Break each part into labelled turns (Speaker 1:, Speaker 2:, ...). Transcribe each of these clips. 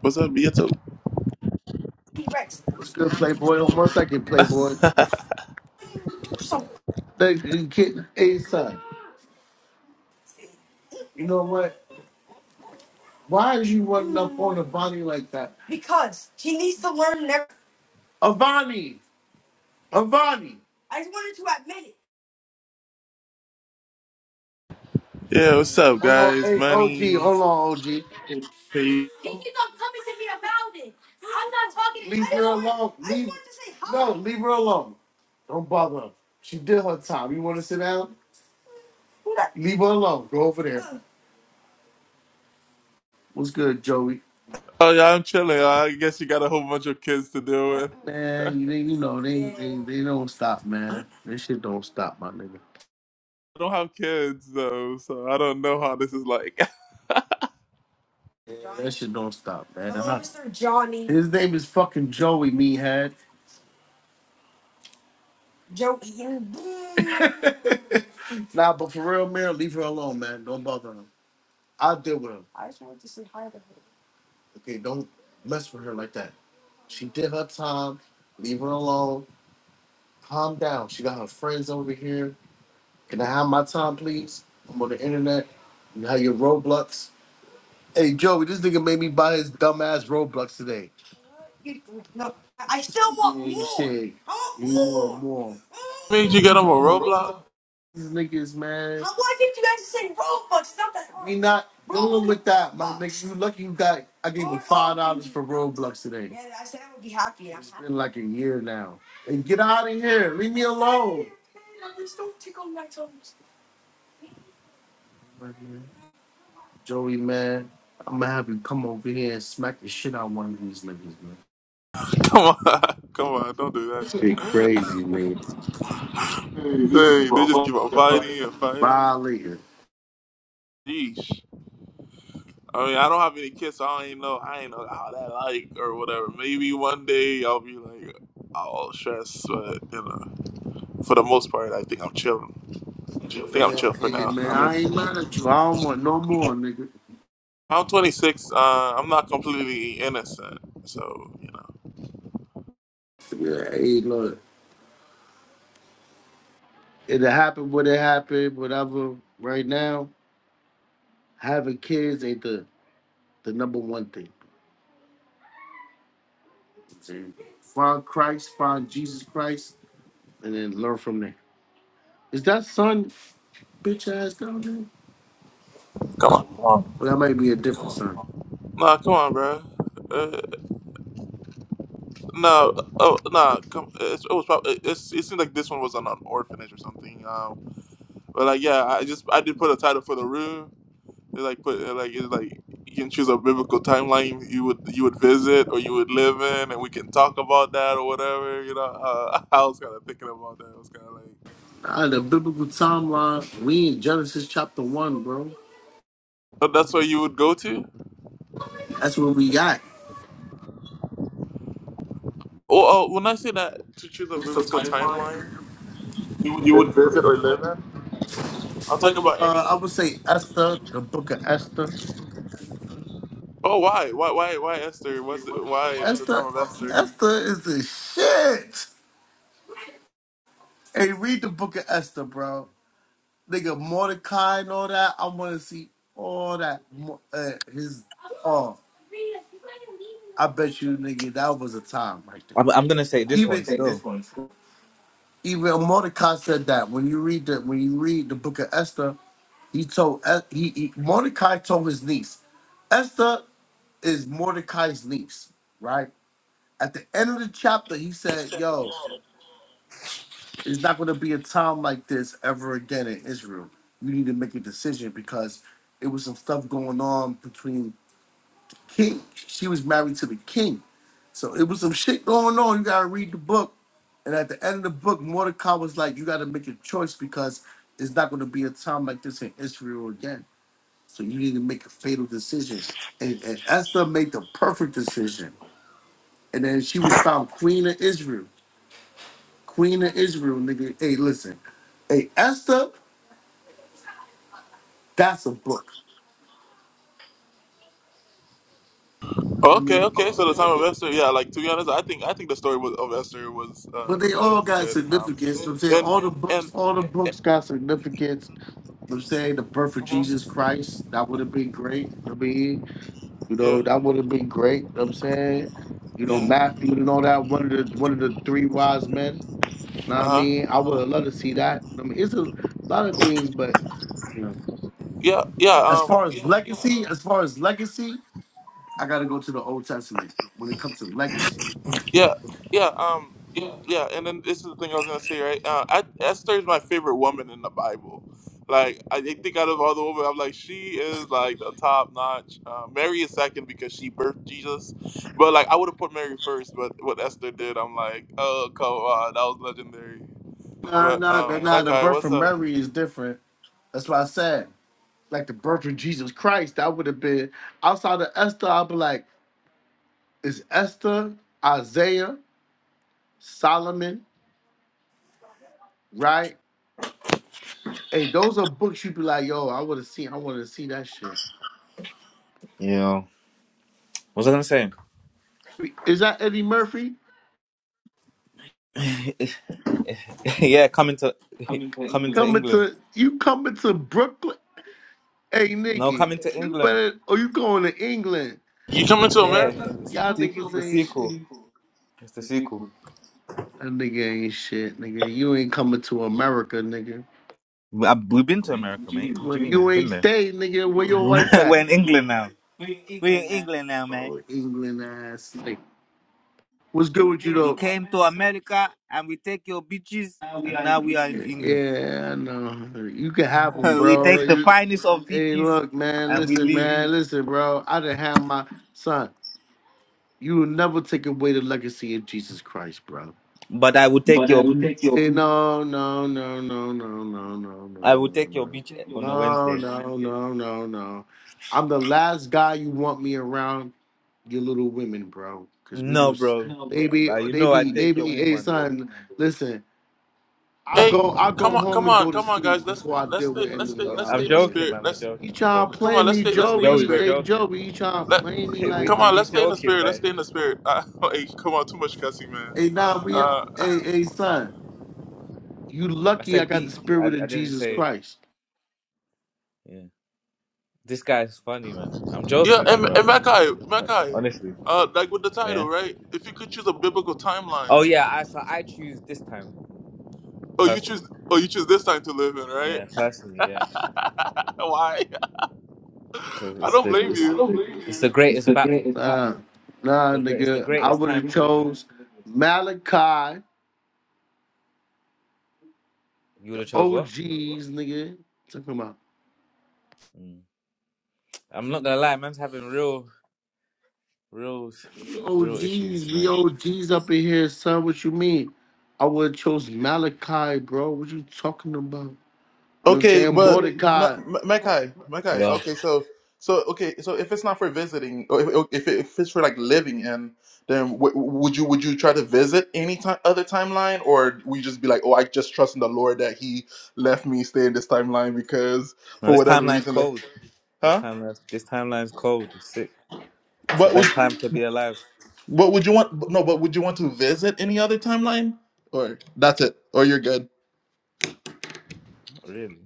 Speaker 1: What's up, Beato?
Speaker 2: T-Rex. What's good, Playboy? On one second, Playboy. Do something. They, you kidding? Hey, son. You know what? Why is you running up on Avani like that? Because he needs to learn never. Avani! Avani! I just wanted to admit it.
Speaker 1: Yeah, what's up,
Speaker 2: Hold on,
Speaker 1: guys?
Speaker 2: hey, OG.
Speaker 1: Money.
Speaker 2: Hold on, OG. Tell
Speaker 1: Hey.
Speaker 2: me to be about it. I'm not talking to you. Leave I just her wanted, alone. I just Leave. wanted to say hi. No, leave her alone. Don't bother her. She did her time. You want to sit down? Who that? Leave her alone. Go over there. Uh, What's good, Joey?
Speaker 1: Oh yeah, I'm chilling. I guess you got a whole bunch of kids to deal with.
Speaker 2: Man, they, you know they, they they don't stop, man. This shit don't stop, my nigga.
Speaker 1: I don't have kids though, so I don't know how this is like.
Speaker 2: That shit don't stop, man. Hello, I'm not- Mister Johnny. His name is fucking Joey Meathead. Joey. nah, but for real, man, leave her alone, man. Don't bother him. I'll deal with him. I just wanted to say hi to her. Okay, don't mess with her like that. She did her time. Leave her alone. Calm down. She got her friends over here. Can I have my time, please? I'm on the internet. You have your Roblox. Hey Joey, this nigga made me buy his dumbass Roblox today. I still want Yeah, more. said I want more, more. more.
Speaker 1: Made you get
Speaker 2: You
Speaker 1: them a
Speaker 2: know
Speaker 1: Roblox?
Speaker 2: these niggas, man. How why did you guys just say Robux? It's not that hard. We not dealing with that, my nigga. You lucky you got. I gave him five dollars for Roblox today. Yeah, I said I would be happy. I'm It's happy. been like a year now. And get out of here. Leave me alone. Just don't tickle my toes. Right, man. Joey, man, I'm gonna have you come over here and smack the shit out of one of these niggas, man.
Speaker 1: Come on, come on, don't do
Speaker 2: Shit
Speaker 1: that.
Speaker 2: crazy, nigga.
Speaker 1: hey, they just keep on fighting and fighting.
Speaker 2: Violator.
Speaker 1: Yeesh. I mean, I don't have any kids, so I don't even know. I ain't know how that like or whatever. Maybe one day I'll be like all stressed, but you know, for the most part, I think I'm chilling. I think I'm
Speaker 2: Man,
Speaker 1: chill for
Speaker 2: hey,
Speaker 1: now.
Speaker 2: man,
Speaker 1: I mean.
Speaker 2: I ain't mad at you. I don't want no more, nigga.
Speaker 1: I'm 26. Uh, I'm not completely innocent. So, you know,
Speaker 2: Yeah, hey, look. It happened what it happened, whatever. Right now, having kids ain't the, the number one thing. See? Find Christ, find Jesus Christ, and then learn from there. Is that son bitch ass down there?
Speaker 1: come on. Come on.
Speaker 2: Well, that might be a different son.
Speaker 1: Nah, come on, bro. Uh, no, oh, nah. Come, it's, it was probably. It's, it seemed like this one was on an orphanage or something. Um, but like, yeah, I just I did put a title for the room. It like put it like it's like you can choose a biblical timeline you would you would visit or you would live in, and we can talk about that or whatever. You know, uh, I was kind of thinking about that. It was kind of like,
Speaker 2: Out of the biblical timeline, we in Genesis chapter one, bro.
Speaker 1: but that's where you would go to.
Speaker 2: That's what we got.
Speaker 1: Oh, oh! when I say that to choose a biblical timeline you would visit or live in, I'll talk about
Speaker 2: Uh, I
Speaker 1: any.
Speaker 2: would say Esther, the book of Esther.
Speaker 1: Oh, why, why, why, why Esther? What's the, why the time
Speaker 2: Esther,
Speaker 1: of Esther?
Speaker 2: Esther is the shit. Hey, read the book of Esther, bro. Nigga, Mordecai and all that. I want to see all that. Mo- Uh, his, oh, I bet you, nigga, that was a time right there.
Speaker 3: I'm, I'm gonna say this one
Speaker 2: Even,
Speaker 3: still.
Speaker 2: even Mordecai said that when you read the when you read the book of Esther, he told Es- he, he Mordecai told his niece, Esther is Mordecai's niece, right? At the end of the chapter, he said, Yo, it's not going to be a time like this ever again in Israel. You need to make a decision because it was some stuff going on between king. She was married to the king. So it was some shit going on. You got to read the book. And at the end of the book, Mordecai was like, You got to make a choice because it's not going to be a time like this in Israel again. So you need to make a fatal decision. And, and Esther made the perfect decision. And then she was found queen of Israel. Queen of Israel, nigga. Hey, listen. Hey, Esther, that's a book. I
Speaker 1: Okay,
Speaker 2: mean,
Speaker 1: okay. So the time of Esther, yeah. Like to be honest, I think I think the story was, of Esther was uh,
Speaker 2: but
Speaker 1: was
Speaker 2: they
Speaker 1: a,
Speaker 2: all
Speaker 1: was a
Speaker 2: got
Speaker 1: good um
Speaker 2: significance. You know what I'm saying all the
Speaker 1: and
Speaker 2: books, all the
Speaker 1: and eh,
Speaker 2: books got significance. You know what I'm saying the birth of
Speaker 1: mhm,
Speaker 2: Jesus Christ, that would have been great. You know what I mean, you
Speaker 1: yeah
Speaker 2: know, that would have been great. You know what I'm saying, you know,
Speaker 1: yeah
Speaker 2: Matthew and all that. One of the one of the three wise men. Know what I
Speaker 1: uh huh
Speaker 2: mean, I would have loved to see that. I mean, it's a lot of things, but you know,
Speaker 1: yeah yeah
Speaker 2: as
Speaker 1: um.
Speaker 2: far as legacy, as far as legacy. I gotta go to the Old Testament when it comes to legacy.
Speaker 1: Yeah, yeah, um,
Speaker 2: Yeah.
Speaker 1: yeah. And then this is the thing I was gonna say, right? Uh, I, Esther is my favorite woman in the Bible. Like, I think out of all the women, I'm like, she is like the top notch. Uh, Mary is second because she birthed Jesus, but like, I would have put Mary first. But what Esther did, I'm like, oh come on, that was legendary.
Speaker 2: Nah,
Speaker 1: But
Speaker 2: nah, nah,
Speaker 1: um,
Speaker 2: nah. The
Speaker 1: Mackay,
Speaker 2: birth
Speaker 1: what's
Speaker 2: of
Speaker 1: up?
Speaker 2: Mary is different. That's why I said, like the birth of Jesus Christ, that would have been outside of Esther. I'd be like, it's Esther, Isaiah, Solomon, right? Hey, those are books you'd be like, yo, I would have seen, I want to see that shit.
Speaker 3: Yeah. What was I gonna say?
Speaker 2: Is that Eddie Murphy
Speaker 3: yeah, coming to coming to
Speaker 2: coming
Speaker 3: England.
Speaker 2: to you coming to Brooklyn? Hey,
Speaker 3: No,
Speaker 2: Nikki,
Speaker 3: coming to
Speaker 2: you
Speaker 3: England.
Speaker 2: better, or you going to England?
Speaker 1: You coming to
Speaker 3: Yeah,
Speaker 1: America?
Speaker 3: it's the
Speaker 2: Y'all
Speaker 3: sequel. It's
Speaker 2: niggas
Speaker 3: the
Speaker 2: ain't
Speaker 3: sequel.
Speaker 2: shit.
Speaker 3: It's the sequel.
Speaker 2: That nigga ain't shit, nigga. You ain't coming to America, nigga.
Speaker 3: We- I- We've been to America, mate. What do you
Speaker 2: When
Speaker 3: mean?
Speaker 2: you
Speaker 3: I've been
Speaker 2: ain't
Speaker 3: there.
Speaker 2: stay, nigga, where your wife at?
Speaker 3: We're in England now. We're in England now, man.
Speaker 2: Oh, England ass. Like, what's good with you
Speaker 3: We
Speaker 2: though?
Speaker 3: came to America and we take your beaches, and
Speaker 2: Yeah,
Speaker 3: now we are in England.
Speaker 2: yeah, I know. You can have them,
Speaker 3: we
Speaker 2: bro.
Speaker 3: take the
Speaker 2: You,
Speaker 3: finest of
Speaker 2: hey,
Speaker 3: beaches
Speaker 2: look, man.
Speaker 3: and we
Speaker 2: Listen,
Speaker 3: leave.
Speaker 2: man. Listen, bro. I done have my son. You will never take away the legacy of Jesus Christ, bro.
Speaker 3: But I will take your beach.
Speaker 2: Hey, food. no, no, no, no, no, no, no, no, no, I
Speaker 3: I will take your
Speaker 2: no,
Speaker 3: beach
Speaker 2: no,
Speaker 3: on a
Speaker 2: my
Speaker 3: Wednesday.
Speaker 2: no, no, no, no. I'm the last guy you want me around, your little women, bro. Cause we
Speaker 3: No,
Speaker 2: was,
Speaker 3: bro.
Speaker 2: they
Speaker 3: Uh,
Speaker 2: brother. be,
Speaker 3: you
Speaker 2: they
Speaker 3: know I
Speaker 2: be, they
Speaker 3: take
Speaker 2: be.
Speaker 3: your
Speaker 2: Hey,
Speaker 3: woman,
Speaker 2: son,
Speaker 3: bro.
Speaker 2: listen. I
Speaker 1: Hey,
Speaker 2: go, I go
Speaker 1: come on,
Speaker 2: home
Speaker 1: come
Speaker 2: and
Speaker 1: on,
Speaker 2: go to
Speaker 1: come on,
Speaker 2: sleep
Speaker 1: guys. Let's
Speaker 2: before I
Speaker 1: let's
Speaker 2: deal
Speaker 1: stay
Speaker 2: with any
Speaker 1: let's
Speaker 2: of
Speaker 1: stay
Speaker 3: Uh,
Speaker 1: let's
Speaker 2: y'all
Speaker 3: I'm
Speaker 1: stay in the
Speaker 2: women,
Speaker 3: joking,
Speaker 2: bro.
Speaker 1: spirit.
Speaker 3: man. We're
Speaker 1: Let's
Speaker 2: You
Speaker 3: joking. We're
Speaker 2: tryna
Speaker 3: joking.
Speaker 1: come
Speaker 2: play
Speaker 1: on.
Speaker 3: We're
Speaker 1: Let's
Speaker 2: me,
Speaker 3: joking.
Speaker 1: stay let's stay in the
Speaker 3: Joey,
Speaker 2: Joey?
Speaker 3: we're
Speaker 1: spirit.
Speaker 2: Hey,
Speaker 3: joking.
Speaker 2: Joey, you tryna
Speaker 1: Let,
Speaker 2: play me
Speaker 3: we
Speaker 2: like?
Speaker 1: come on,
Speaker 3: we
Speaker 1: let's stay in the
Speaker 3: joking,
Speaker 1: spirit. Let's
Speaker 3: man.
Speaker 1: stay in the spirit. Uh, hey, come on, too much cussing, man.
Speaker 2: Hey, nah, we,
Speaker 1: Uh,
Speaker 2: hey, hey, son. You
Speaker 3: I
Speaker 2: lucky I
Speaker 3: said
Speaker 2: got the
Speaker 3: beat. I,
Speaker 2: spirit of
Speaker 3: I didn't
Speaker 2: Jesus
Speaker 3: say.
Speaker 2: Christ.
Speaker 3: Yeah. This guy's funny, man. I'm
Speaker 1: yeah,
Speaker 3: joking with you,
Speaker 1: and, and
Speaker 3: brother.
Speaker 1: Mackay,
Speaker 3: Uh,
Speaker 1: Mackay,
Speaker 3: Honestly.
Speaker 1: uh, like with the title,
Speaker 3: Yeah.
Speaker 1: right? If you could choose a biblical
Speaker 3: Oh
Speaker 1: timeline,
Speaker 3: yeah. I so I choose this time
Speaker 1: oh you choose,
Speaker 3: personally.
Speaker 1: oh you choose this time to live in, right?
Speaker 3: Yeah, personally. Yeah,
Speaker 1: Why?
Speaker 3: because
Speaker 1: I
Speaker 3: it's
Speaker 1: don't
Speaker 3: the
Speaker 1: blame
Speaker 3: it's,
Speaker 1: you.
Speaker 3: it's the greatest battle.
Speaker 2: Nah, nah,
Speaker 3: The great. It's the
Speaker 2: nigga. I
Speaker 3: greatest
Speaker 2: would
Speaker 3: time
Speaker 2: have
Speaker 3: to live in.
Speaker 2: chose Malachi,
Speaker 3: You would have chose what?
Speaker 2: OGs, nigga. Talking about
Speaker 3: Mm. I'm not gonna lie, man's having real Real, real issues,
Speaker 2: OGs, we
Speaker 3: mate.
Speaker 2: OGs up in here, son. What you mean? I would have chose Malachi, bro. What you talking about? You know what I'm
Speaker 1: Okay,
Speaker 2: saying?
Speaker 1: but Ma-
Speaker 2: Mordecai.
Speaker 1: Ma- Mackay, Mackay.
Speaker 3: Yeah.
Speaker 1: Okay, so so okay, so if it's not for visiting, or if if, it, if it's for like living in, then w- would you would you try to visit any ti other timeline, or we just be like, oh, I just trust in the Lord that He left me stay in this timeline because
Speaker 3: now
Speaker 1: for
Speaker 3: this
Speaker 1: whatever
Speaker 3: timeline's
Speaker 1: reason, that,
Speaker 3: cold. This
Speaker 1: huh?
Speaker 3: timeline's this timeline's cold. It's sick. It's the
Speaker 1: But
Speaker 3: best
Speaker 1: would
Speaker 3: time to be alive.
Speaker 1: what would you want? No, but would you want to visit any other timeline, or that's it, or you're good?
Speaker 3: Not really.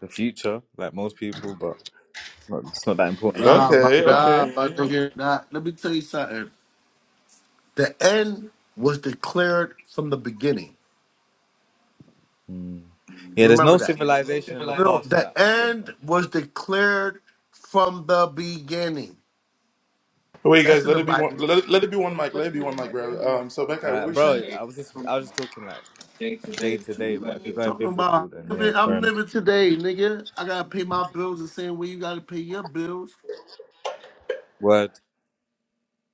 Speaker 3: The future, like most people, but not, it's not that important to me.
Speaker 2: Nah, but
Speaker 1: Okay,
Speaker 2: nah,
Speaker 1: okay.
Speaker 2: but nigga, nah. Let me tell you something. The end was declared from the beginning.
Speaker 3: Mm. Yeah, there's
Speaker 2: Remember
Speaker 3: no
Speaker 2: that.
Speaker 3: civilization in the
Speaker 2: No,
Speaker 3: past
Speaker 2: the
Speaker 3: that I think.
Speaker 2: end was declared from the beginning.
Speaker 1: Wait,
Speaker 2: That's
Speaker 1: guys,
Speaker 2: in
Speaker 1: let
Speaker 2: the
Speaker 1: it be one.
Speaker 2: Bible.
Speaker 1: Let it, let it be one mic. Let it be one mic, bro. Um, so Mackay, what
Speaker 3: Uh,
Speaker 1: were you saying?
Speaker 3: bro, I was just I was just talking like
Speaker 2: Day to day
Speaker 3: day
Speaker 2: is
Speaker 3: to
Speaker 2: too
Speaker 3: day, but if you're
Speaker 2: late.
Speaker 3: going
Speaker 2: Talking about
Speaker 3: biblical, then yeah,
Speaker 2: living-
Speaker 3: fair
Speaker 2: I'm
Speaker 3: enough.
Speaker 2: living today, nigga. I gotta pay my bills the same way you gotta pay your bills.
Speaker 3: Word,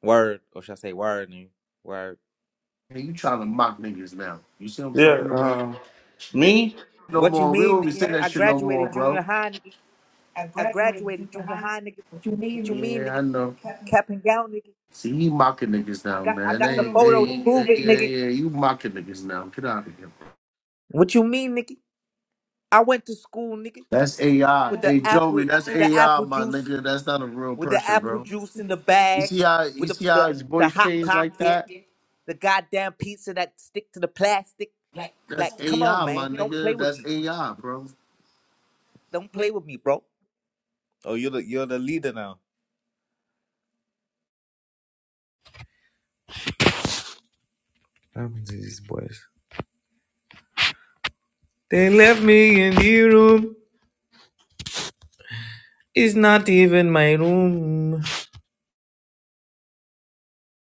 Speaker 3: word, or should I say word? Word.
Speaker 2: And you trying to mock niggas now. You see what I'm
Speaker 1: Yeah,
Speaker 2: talking about?
Speaker 1: uh, me.
Speaker 2: No
Speaker 3: What you
Speaker 2: more. We don't
Speaker 3: mean?
Speaker 2: even
Speaker 3: Nigga?
Speaker 2: say that
Speaker 3: I
Speaker 2: shit no more,
Speaker 3: graduated junior
Speaker 2: bro.
Speaker 3: high. Nigga.
Speaker 2: I
Speaker 3: I
Speaker 2: graduated from
Speaker 3: graduated junior
Speaker 2: behind.
Speaker 3: high, nigga.
Speaker 2: What you
Speaker 3: What you
Speaker 2: mean?
Speaker 3: mean,
Speaker 2: Yeah, I
Speaker 3: nigga?
Speaker 2: know.
Speaker 3: Cap and gown, nigga.
Speaker 2: See, you mocking niggas now, man. Hey, hey, hey,
Speaker 3: Nigga,
Speaker 2: yeah, yeah, you mocking niggas now. Get out of here.
Speaker 3: with nigga, nigga,
Speaker 2: That's AI.
Speaker 3: with the
Speaker 2: Hey, Joey,
Speaker 3: with
Speaker 2: that's
Speaker 3: the
Speaker 2: AI, my
Speaker 3: apples,
Speaker 2: nigga. That's not a real
Speaker 3: with the
Speaker 2: person,
Speaker 3: apple
Speaker 2: bro. You see
Speaker 3: jack,
Speaker 2: how you
Speaker 3: with the,
Speaker 2: see how
Speaker 3: the
Speaker 2: his
Speaker 3: the
Speaker 2: voice
Speaker 3: hot
Speaker 2: changed like
Speaker 3: pocket,
Speaker 2: that?
Speaker 3: the goddamn pizza that stick to the plastic.
Speaker 2: That's
Speaker 3: Like, come on,
Speaker 2: AI, my
Speaker 3: man. Don't
Speaker 2: nigga.
Speaker 3: with
Speaker 2: That's
Speaker 3: me.
Speaker 2: AI, bro.
Speaker 3: Don't play with me, bro. Oh, you're the you're the leader now. What happened to these boys? They left me in the room. It's not even my room.